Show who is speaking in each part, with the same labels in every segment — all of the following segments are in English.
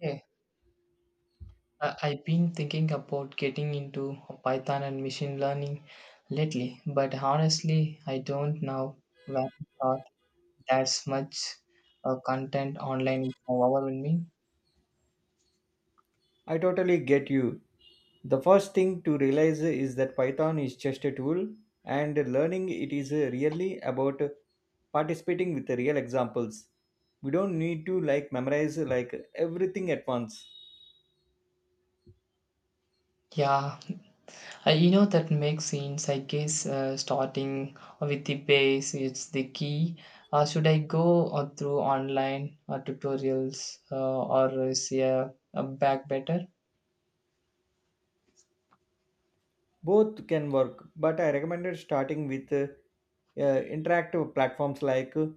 Speaker 1: Yeah, I've been thinking about getting into Python and machine learning lately, but honestly, I don't know where to start. There's much content online is overwhelming.
Speaker 2: I totally get you. The first thing to realize is that Python is just a tool, and learning it is really about participating with real examples. We don't need to like memorize like everything at once.
Speaker 1: Yeah, that makes sense. I guess starting with the base is the key. Should I go through online tutorials or is a back better?
Speaker 2: Both can work, but I recommended starting with interactive platforms like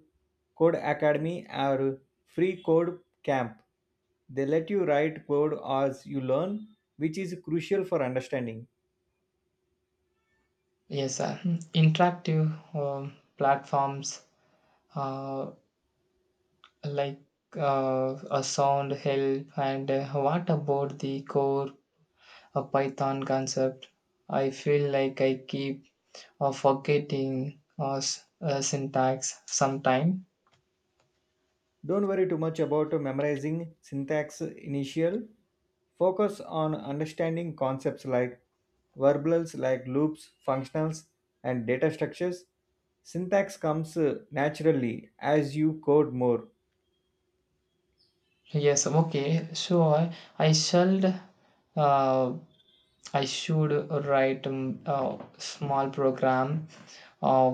Speaker 2: Code Academy or Free Code Camp. They let you write code as you learn, which is crucial for understanding.
Speaker 1: Yes, sir. Mm. Interactive platforms uh, like a sound help and what about the core python concept. I feel like I keep forgetting syntax sometime.
Speaker 2: Don't worry too much about memorizing syntax initial. Focus on understanding concepts like verbals like loops, functionals, and data structures. Syntax comes naturally as you code more.
Speaker 1: Yes, okay, sure. i should uh, I should write a small program uh,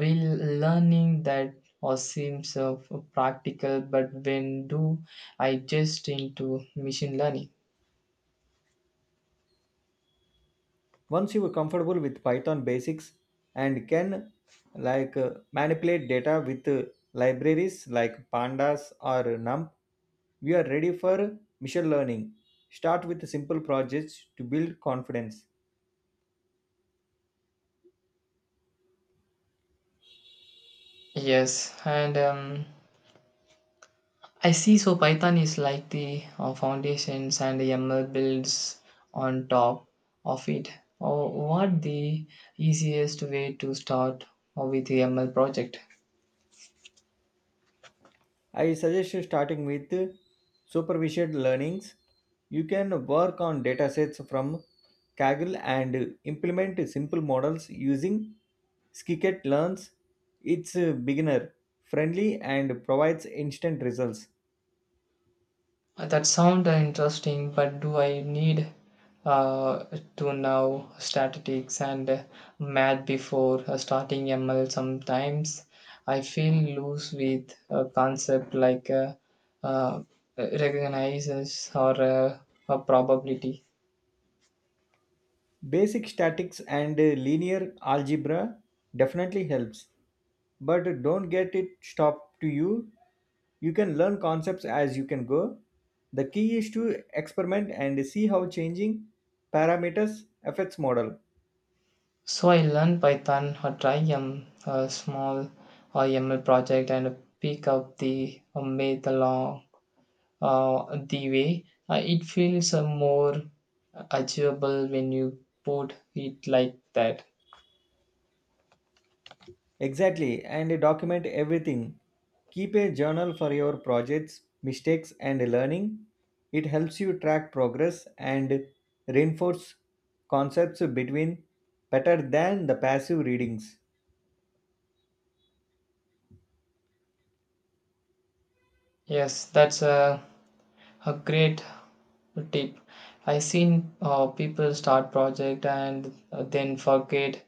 Speaker 1: will learning that or seems practical. But when do I just into machine learning?
Speaker 2: Once you are comfortable with Python basics and can like manipulate data with libraries like pandas or NumPy, we are ready for machine learning. Start with simple projects to build confidence.
Speaker 1: Yes, and I see. So Python is like the foundations, and the ML builds on top of it. Or what the easiest way to start with ML project?
Speaker 2: I suggest you starting with supervised learnings. You can work on datasets from Kaggle and implement simple models using Skicket Learns. It's beginner friendly and provides instant results.
Speaker 1: That sound interesting, but do I need uh, to know statistics and math before starting ML? Sometimes I feel loose with a concept like uh, recognizes or a probability.
Speaker 2: Basic statics and linear algebra definitely helps, but don't get it stopped to you. You can learn concepts as you can go. The key is to experiment and see how changing parameters affects model
Speaker 1: So I learn Python or try a small ML project and pick up the math along the way. Uh, it feels more achievable when you put it like that.
Speaker 2: exactly, and document everything. Keep a journal for your projects mistakes and learning. It helps you track progress and reinforce concepts between better than the passive readings.
Speaker 1: Yes, that's a great tip. I seen people start project and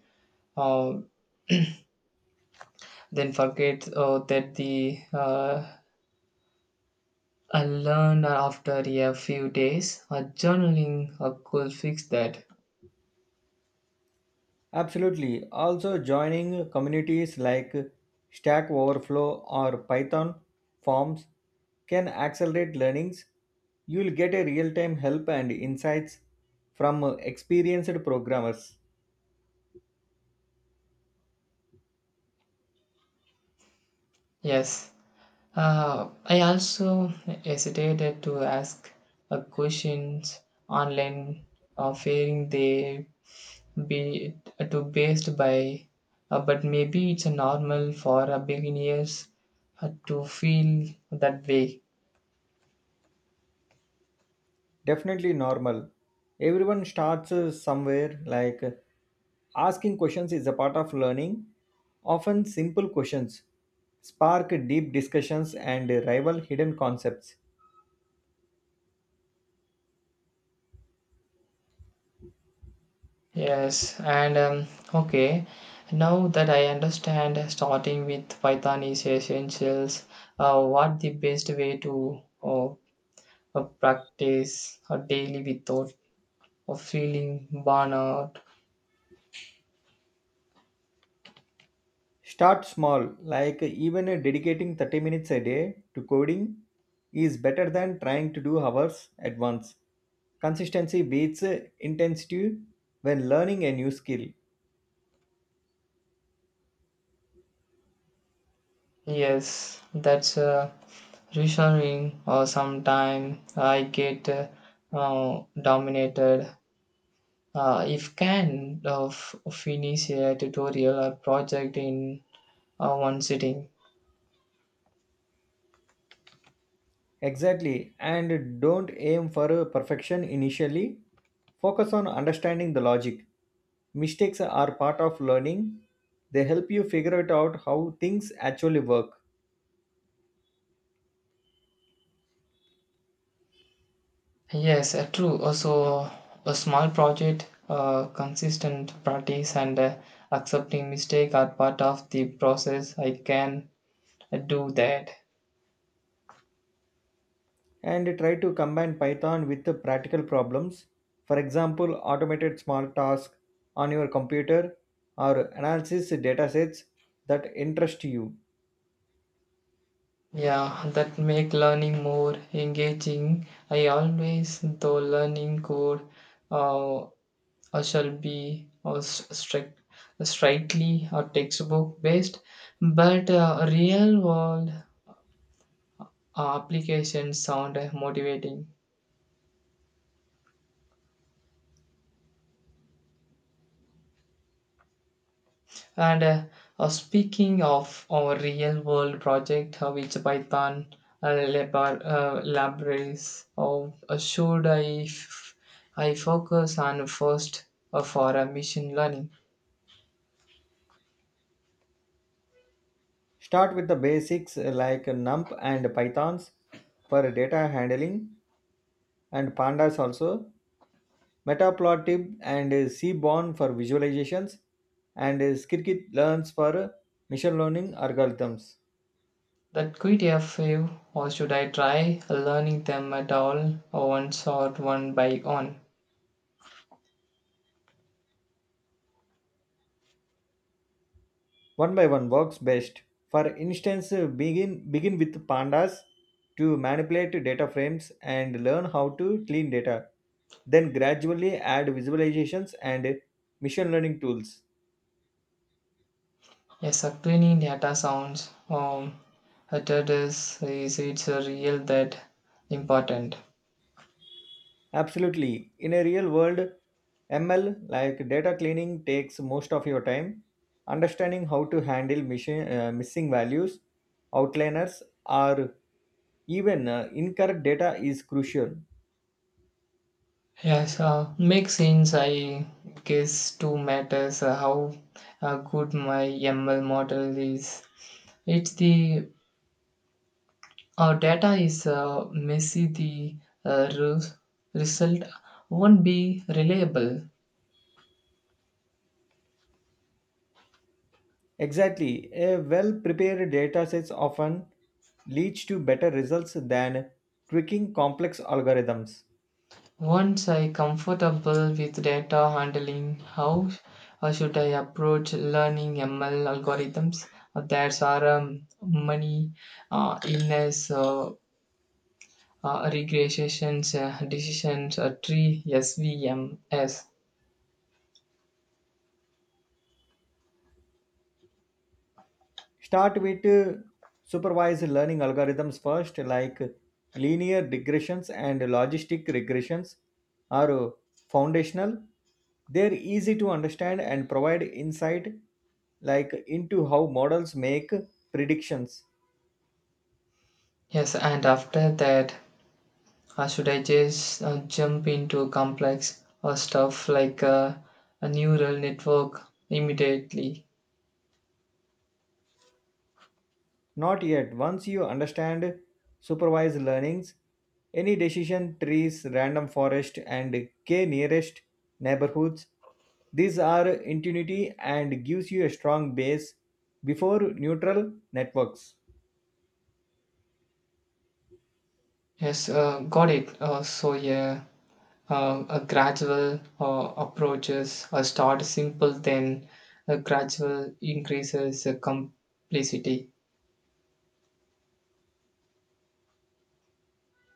Speaker 1: uh, then forget that the I learned after a few days. Journaling could fix that.
Speaker 2: Absolutely. Also, joining communities like Stack Overflow or Python forums can accelerate learnings. You'll get a real time help and insights from experienced programmers.
Speaker 1: Yes. I also hesitated to ask questions online, fearing they be too based by. But maybe it's a normal for a beginners to feel that way.
Speaker 2: Definitely normal. Everyone starts somewhere, like asking questions is a part of learning. Often, simple questions spark deep discussions and rival hidden concepts.
Speaker 1: Yes, and okay. Now that I understand, starting with Python is essentials. What the best way to practice daily without of feeling burnout?
Speaker 2: Start small, like even dedicating 30 minutes a day to coding is better than trying to do hours at once. Consistency beats intensity when learning a new skill.
Speaker 1: Yes, that's reassuring. Or sometimes I get dominated if can finish a tutorial or project in one sitting.
Speaker 2: Exactly, and don't aim for perfection initially. Focus on understanding the logic. Mistakes are part of learning, they help you figure it out how things actually work.
Speaker 1: Yes, true. Also, a small project, consistent practice, and accepting mistake are part of the process. I can do that.
Speaker 2: And try to combine Python with the practical problems. For example, automated small tasks on your computer or analysis datasets that interest you.
Speaker 1: Yeah, that make learning more engaging. I always though learning code or shall be or strictly or textbook based, but real world applications sound motivating. And speaking of our real world project, which Python laboratories, of, should I focus on first for machine learning?
Speaker 2: Start with the basics like NumPy and Pythons for data handling and Pandas also, Matplotlib and Seaborn for visualizations, and Scikit-learns for machine learning algorithms.
Speaker 1: That quite a few, or should I try learning them at all, or once or one by one?
Speaker 2: One by one works best. For instance, begin with pandas to manipulate data frames and learn how to clean data. Then gradually add visualizations and machine learning tools.
Speaker 1: Yes, cleaning data sounds that is it's a real that important.
Speaker 2: Absolutely. In a real world, ML like data cleaning takes most of your time. Understanding how to handle missing values, outliners, or even incorrect data is crucial.
Speaker 1: Yes, makes sense. I guess two matters how good my ML model is. It's the data is messy. The uh, res- result won't be reliable.
Speaker 2: Exactly. A well prepared datasets often leads to better results than tweaking complex algorithms.
Speaker 1: Once I comfortable with data handling, how should I approach learning ML algorithms? That's our money illness. Regressions, decisions tree svms.
Speaker 2: Start with supervised learning algorithms first, like linear regressions and logistic regressions are foundational. They're easy to understand and provide insight like into how models make predictions.
Speaker 1: Yes and after that, should I just jump into complex stuff like a neural network immediately?
Speaker 2: Not yet. Once you understand supervised learnings, any decision trees, random forest, and k nearest neighborhoods, these are intuitive and gives you a strong base before neutral networks.
Speaker 1: Yes got it so yeah a gradual approaches. Uh, start simple, then a gradual increases complexity.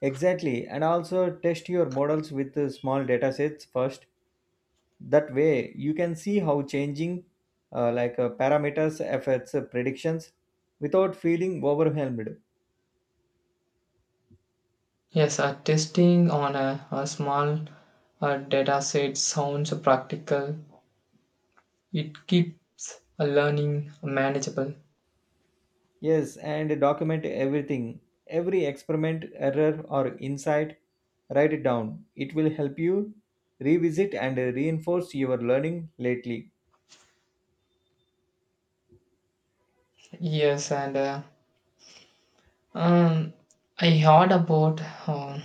Speaker 2: Exactly, and also test your models with small data sets first. That way, you can see how changing parameters affects predictions without feeling overwhelmed.
Speaker 1: Yes, testing on a small data set sounds practical. It keeps learning manageable.
Speaker 2: Yes, and document everything. Every experiment, error, or insight, write it down. It will help you revisit and reinforce your learning lately.
Speaker 1: Yes, and um, I heard about um,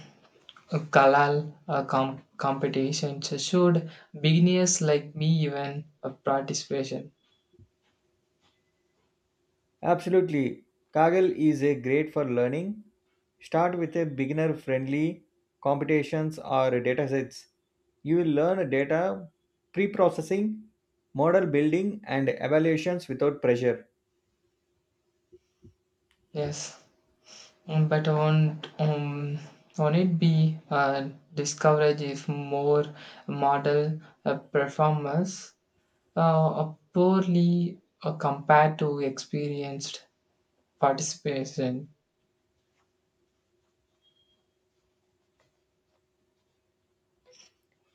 Speaker 1: a Kalal competition. So should beginners like me even participation?
Speaker 2: Absolutely. Kaggle is a great for learning. Start with a beginner friendly competitions or datasets. You will learn data pre processing, model building, and evaluations without pressure.
Speaker 1: Yes. Mm, but won't it be discourage if more model performers uh, poorly compared to experienced participation.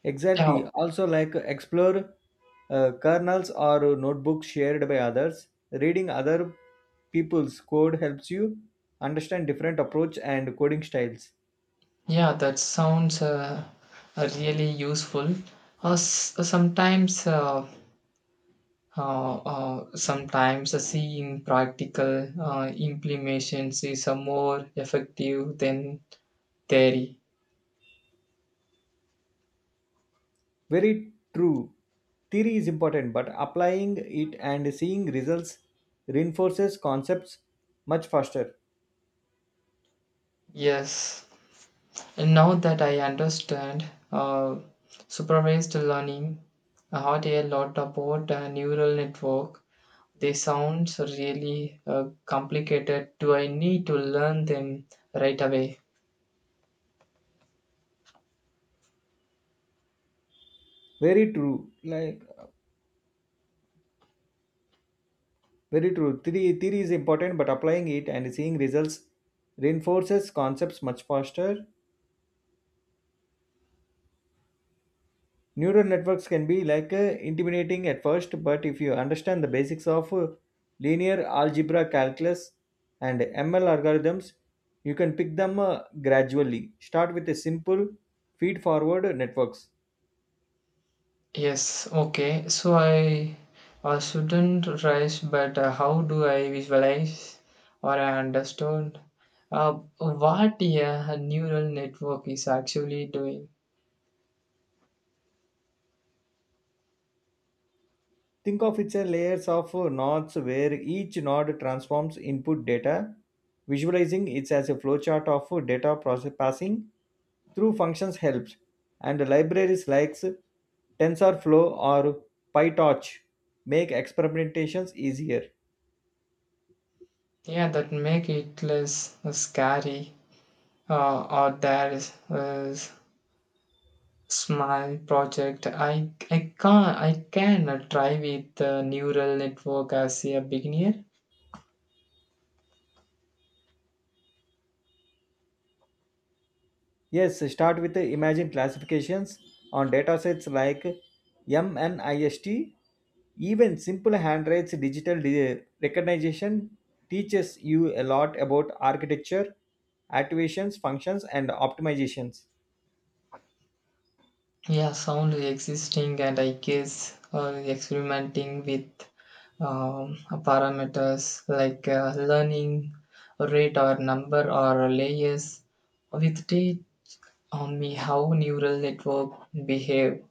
Speaker 2: Exactly.
Speaker 1: Yeah,
Speaker 2: Also, like explore kernels or notebooks shared by others. Reading other people's code helps you understand different approach and coding styles.
Speaker 1: yeah, that sounds really useful. S- sometimes, sometimes seeing practical implementations is more effective than theory.
Speaker 2: Very true. Theory is important, but applying it and seeing results reinforces concepts much faster.
Speaker 1: Yes, and now that I understand uh, supervised learning, I heard a lot about neural network. They sounds really complicated. Do I need to learn them right away?
Speaker 2: Very true. Theory is important, but applying it and seeing results reinforces concepts much faster. Neural networks can be like intimidating at first, but if you understand the basics of linear algebra calculus and ML algorithms, you can pick them gradually. Start with a simple feed-forward networks.
Speaker 1: Yes, okay. So I shouldn't rush, but how do I visualize or I understand uh, what yeah, a neural network is actually doing?
Speaker 2: Think of it as layers of nodes where each node transforms input data, visualizing it as a flowchart of data process passing through functions helps, and libraries like TensorFlow or PyTorch make experimentations easier.
Speaker 1: Yeah, that make it less scary. Or there is Smile project. I can try with the neural network as a beginner.
Speaker 2: Yes, start with the imagine classifications on datasets like MNIST. Even simple handwrites digital recognition teaches you a lot about architecture, activations, functions, and optimizations.
Speaker 1: Yeah, sound is existing, and I guess experimenting with um, parameters like learning rate or number or layers with date on me how neural network behave.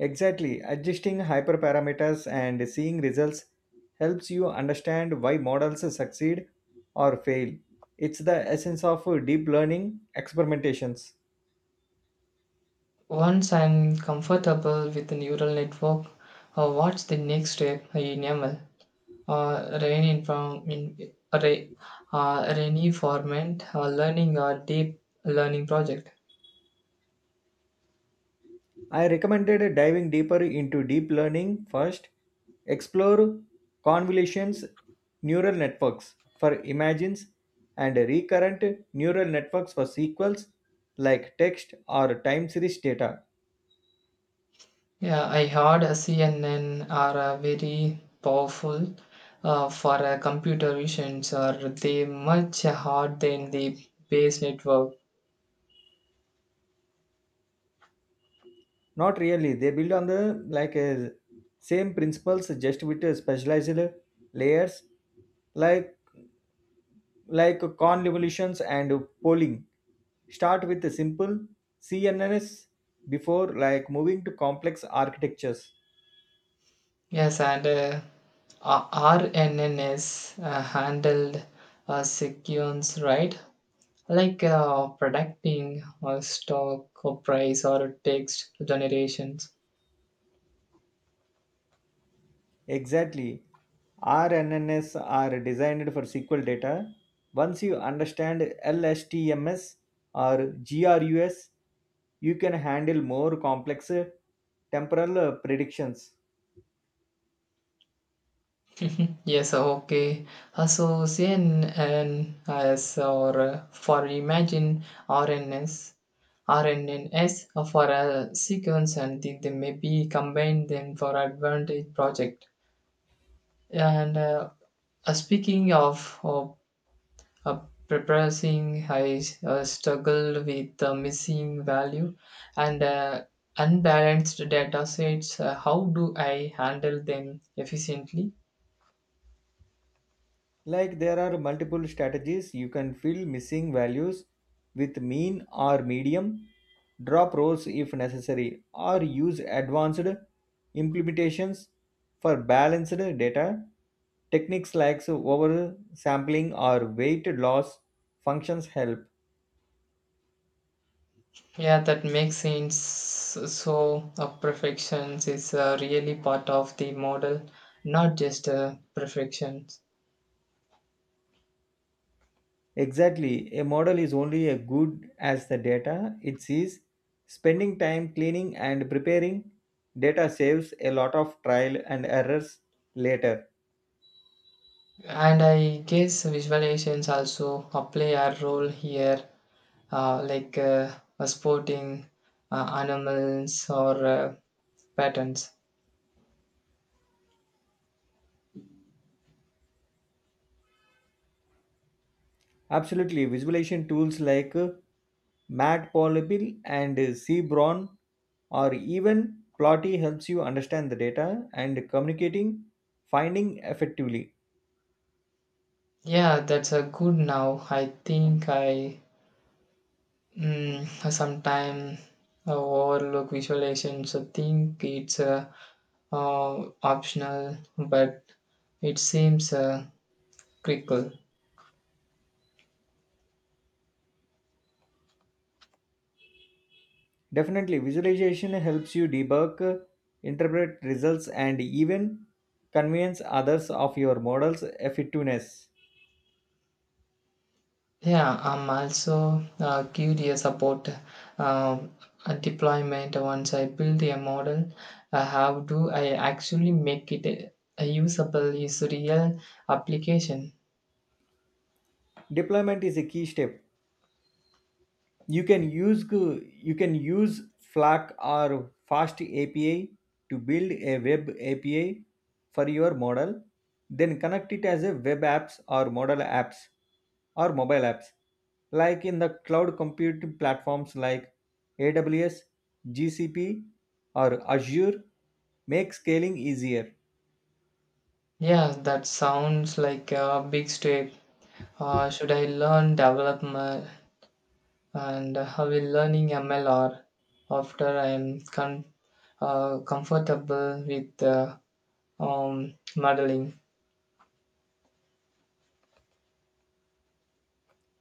Speaker 2: Exactly. Adjusting hyperparameters and seeing results helps you understand why models succeed or fail. It's the essence of deep learning experimentations.
Speaker 1: Once I'm comfortable with the neural network, what's the next step in ML? Rain in form in Ray, Rainy format learning a deep learning project.
Speaker 2: I recommended diving deeper into deep learning first. Explore convolutions neural networks for imagines and recurrent neural networks for sequels like text or time series data.
Speaker 1: Yeah, I heard a CNN are very powerful for computer visions or they much hard than the base network.
Speaker 2: Not really. They build on the like same principles, just with specialized layers, like convolutions and polling. Start with a simple CNNs before like moving to complex architectures.
Speaker 1: Yes, and RNNs handled sequence right, like predicting stock or price or text generations.
Speaker 2: Exactly. RNNs are designed for SQL data. Once you understand LSTMS or GRUS, you can handle more complex temporal predictions.
Speaker 1: Yes, okay. So CNNs or for imagine RNS, RNNs are for a sequence, and they may be combined then for advantage project. And speaking of uh, preparing, I struggled with the missing value and unbalanced data sets. How do I handle them efficiently?
Speaker 2: Like there are multiple strategies. You can fill missing values with mean or medium, drop rows if necessary, or use advanced implementations for balanced data. Techniques like oversampling or weight loss functions help.
Speaker 1: Yeah, that makes sense. So, perfection is really part of the model, not just perfection.
Speaker 2: Exactly, a model is only as good as the data it sees. Spending time cleaning and preparing data saves a lot of trial and errors later.
Speaker 1: And I guess visualizations also play a role here, like sporting animals or patterns.
Speaker 2: Absolutely, visualization tools like Matplotlib and Cbron or even Plotty helps you understand the data and communicating finding effectively.
Speaker 1: Yeah, that's a good now. I think I, mm, sometimes overlook visualization. So think it's optional, but it seems critical.
Speaker 2: Definitely, visualization helps you debug, interpret results, and even convince others of your model's effectiveness.
Speaker 1: Yeah, I'm also curious about um, a deployment. Once I build a model, how do I actually make it usable? Is real application?
Speaker 2: Deployment is a key step. you can use you can use Flask or fast api to build a web api for your model, then connect it as a web apps or model apps or mobile apps like in the cloud computing platforms like aws gcp or azure make scaling easier.
Speaker 1: Yeah, that sounds like a big step. Should I learn development? And I will learning MLR after I am comfortable with modeling.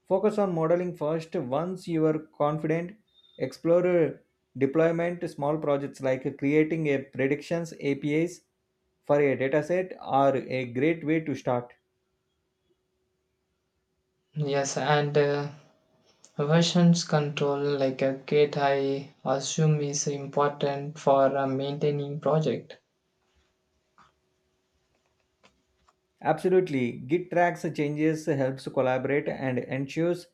Speaker 2: Focus on modeling first. Once you are confident, explore deployment small projects like creating a predictions APIs for a dataset are a great way to start.
Speaker 1: Yes, and versions control like a gate I assume is important for maintaining project.
Speaker 2: Absolutely, Git tracks changes helps collaborate and ensures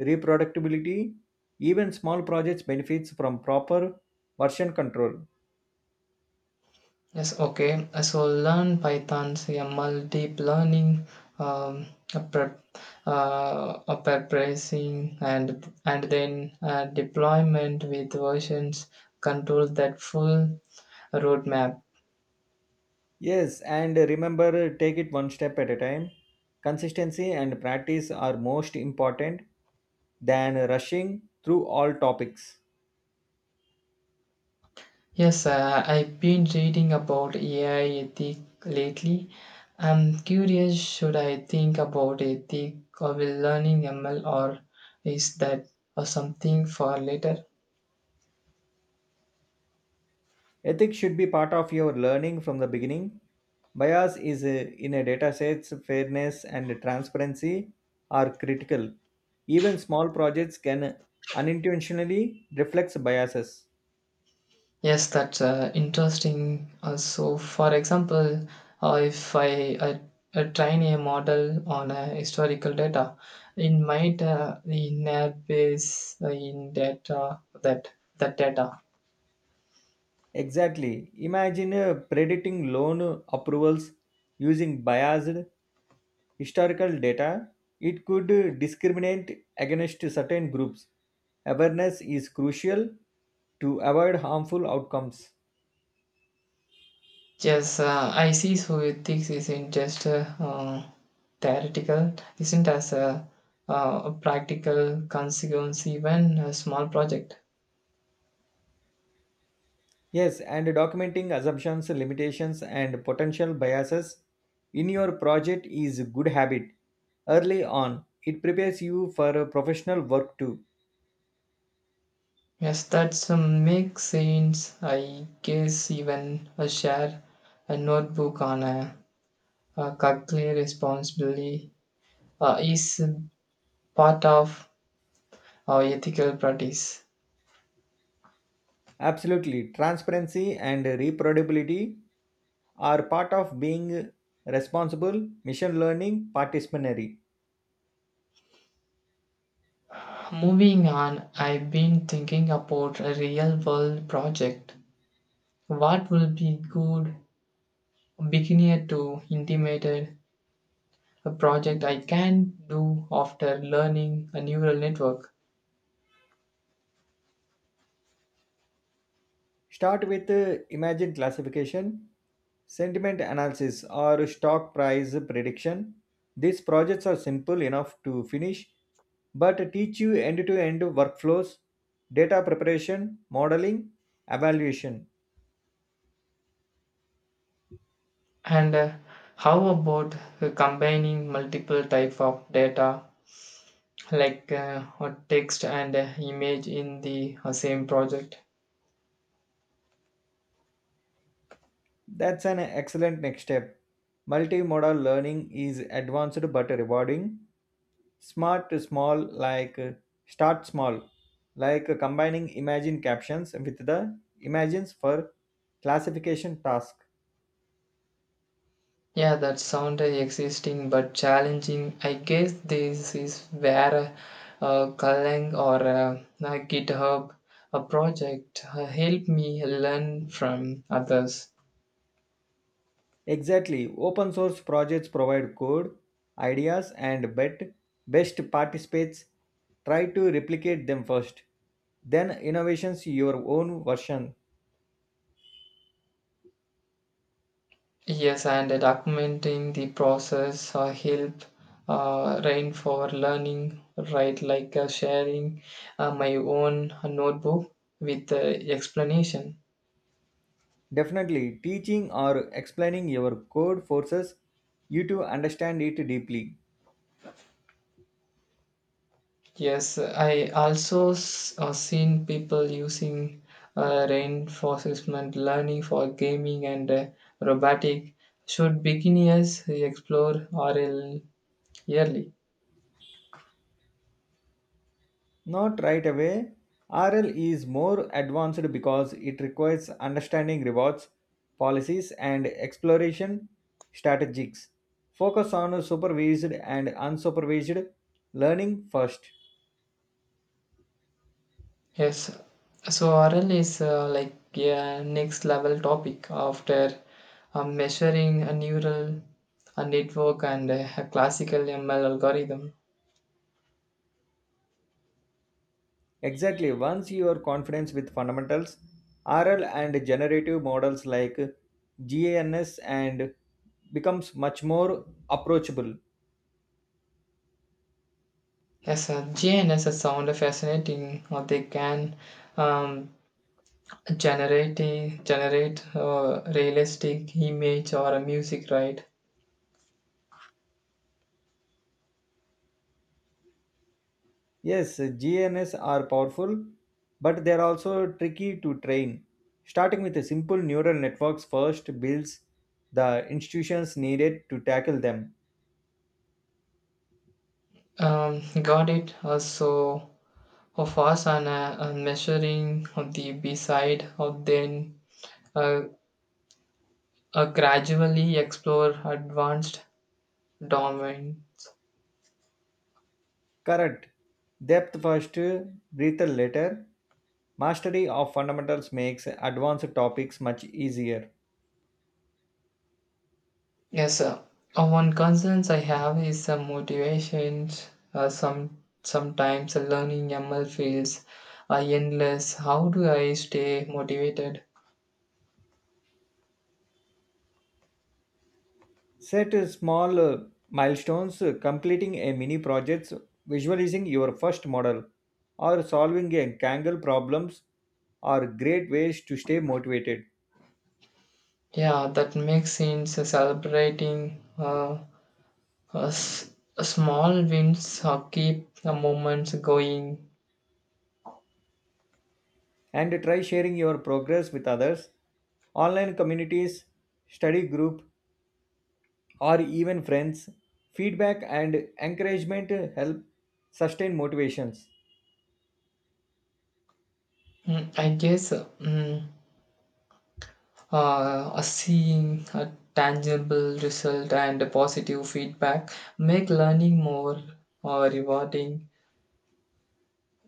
Speaker 2: reproducibility. Even small projects benefits from proper version control.
Speaker 1: Yes, okay. So learn Python's ML deep learning, um, a prep, a preparation and then deployment with versions control. That full roadmap.
Speaker 2: Yes, and remember, take it one step at a time. Consistency and practice are most important than rushing through all topics.
Speaker 1: Yes, I've been reading about AI ethic lately. I'm curious, should I think about ethic or will learning ML or is that or something for later?
Speaker 2: Ethics should be part of your learning from the beginning. Bias is in a data sets, fairness and transparency are critical. Even small projects can unintentionally reflect biases.
Speaker 1: Yes, that's interesting. Also, for example, if I train a model on historical data, it might inherit base in data that data.
Speaker 2: Exactly. Imagine predicting loan approvals using biased historical data, it could discriminate against certain groups. Awareness is crucial to avoid harmful outcomes.
Speaker 1: Yes, I see. So ethics isn't just theoretical, isn't as a practical consequence even a small project.
Speaker 2: Yes, and documenting assumptions, limitations, and potential biases in your project is a good habit. Early on, it prepares you for professional work too.
Speaker 1: Yes, that's makes sense. I guess even a share a notebook on a calculated responsibility is part of our ethical practice.
Speaker 2: Absolutely, transparency and reproducibility are part of being responsible, mission learning, participatory.
Speaker 1: Moving on, I've been thinking about a real world project. What will be good beginner to intimated a project I can do after learning a neural network?
Speaker 2: Start with imagine classification, sentiment analysis, or stock price prediction. These projects are simple enough to finish, but teach you end to end workflows, data preparation, modeling, evaluation.
Speaker 1: And how about combining multiple type of data like or text and image in the same project?
Speaker 2: That's an excellent next step. Multimodal learning is advanced but rewarding. Smart to small like Start small combining imagine captions with the imagines for classification task
Speaker 1: Yeah, that sounds existing but challenging. I guess this is where Golang or GitHub a project help me learn from others.
Speaker 2: exactly open source projects provide code ideas and bet best participates try to replicate them first then innovations your own version
Speaker 1: Yes, and documenting the process help Rain for learning, right? Like sharing my own notebook with the explanation.
Speaker 2: definitely teaching or explaining your code forces you to understand it deeply.
Speaker 1: Yes, I also seen people using reinforcement learning for gaming and robotic. Should beginners explore RL yearly?
Speaker 2: Not right away. RL is more advanced because it requires understanding rewards, policies, and exploration strategies. Focus on supervised and unsupervised learning first.
Speaker 1: Yes, so RL is like a next level topic after measuring a neural a network and a classical ML algorithm.
Speaker 2: Exactly, once you are confident with fundamentals, RL and generative models like GANS and becomes much more approachable.
Speaker 1: Yes, GNSS sound fascinating. They can um, generate realistic image or a music, right?
Speaker 2: Yes, GNS are powerful, but they are also tricky to train. Starting with a simple neural networks first builds the institutions needed to tackle them.
Speaker 1: Got it. Also, of fast on measuring the B side, or then uh, gradually explore advanced domain.
Speaker 2: Correct. Depth first, breadth later. Mastery of fundamentals makes advanced topics much easier.
Speaker 1: Yes, sir. One concerns I have is some motivations. Sometimes learning ML feels endless. How do I stay motivated?
Speaker 2: Set small milestones, completing a mini project, visualizing your first model, or solving a Kaggle problems are great ways to stay motivated.
Speaker 1: Yeah, that makes sense. Celebrating uh, s- small wins keep the moments going.
Speaker 2: And try sharing your progress with others. Online communities, study group, or even friends. Feedback and encouragement help sustain motivations.
Speaker 1: Mm, I guess a seeing a tangible result and a positive feedback make learning more rewarding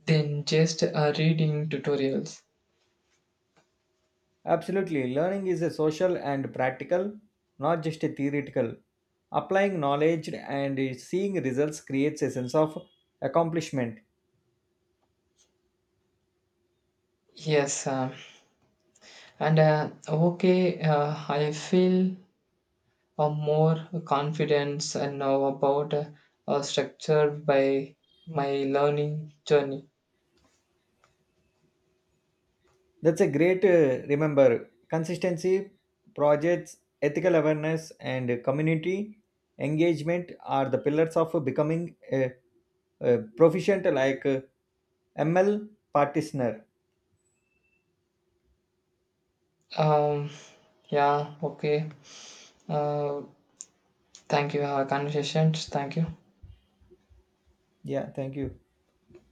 Speaker 1: than just reading tutorials.
Speaker 2: Absolutely, learning is a social and practical, not just a theoretical. Applying knowledge and seeing results creates a sense of accomplishment.
Speaker 1: Yes, and okay, I feel more confidence and now about structure by my learning journey.
Speaker 2: That's a great remember. Consistency, projects, ethical awareness, and community engagement are the pillars of becoming a proficient ML practitioner.
Speaker 1: Um, yeah okay uh, thank you our conversations, thank you.
Speaker 2: Yeah, thank you.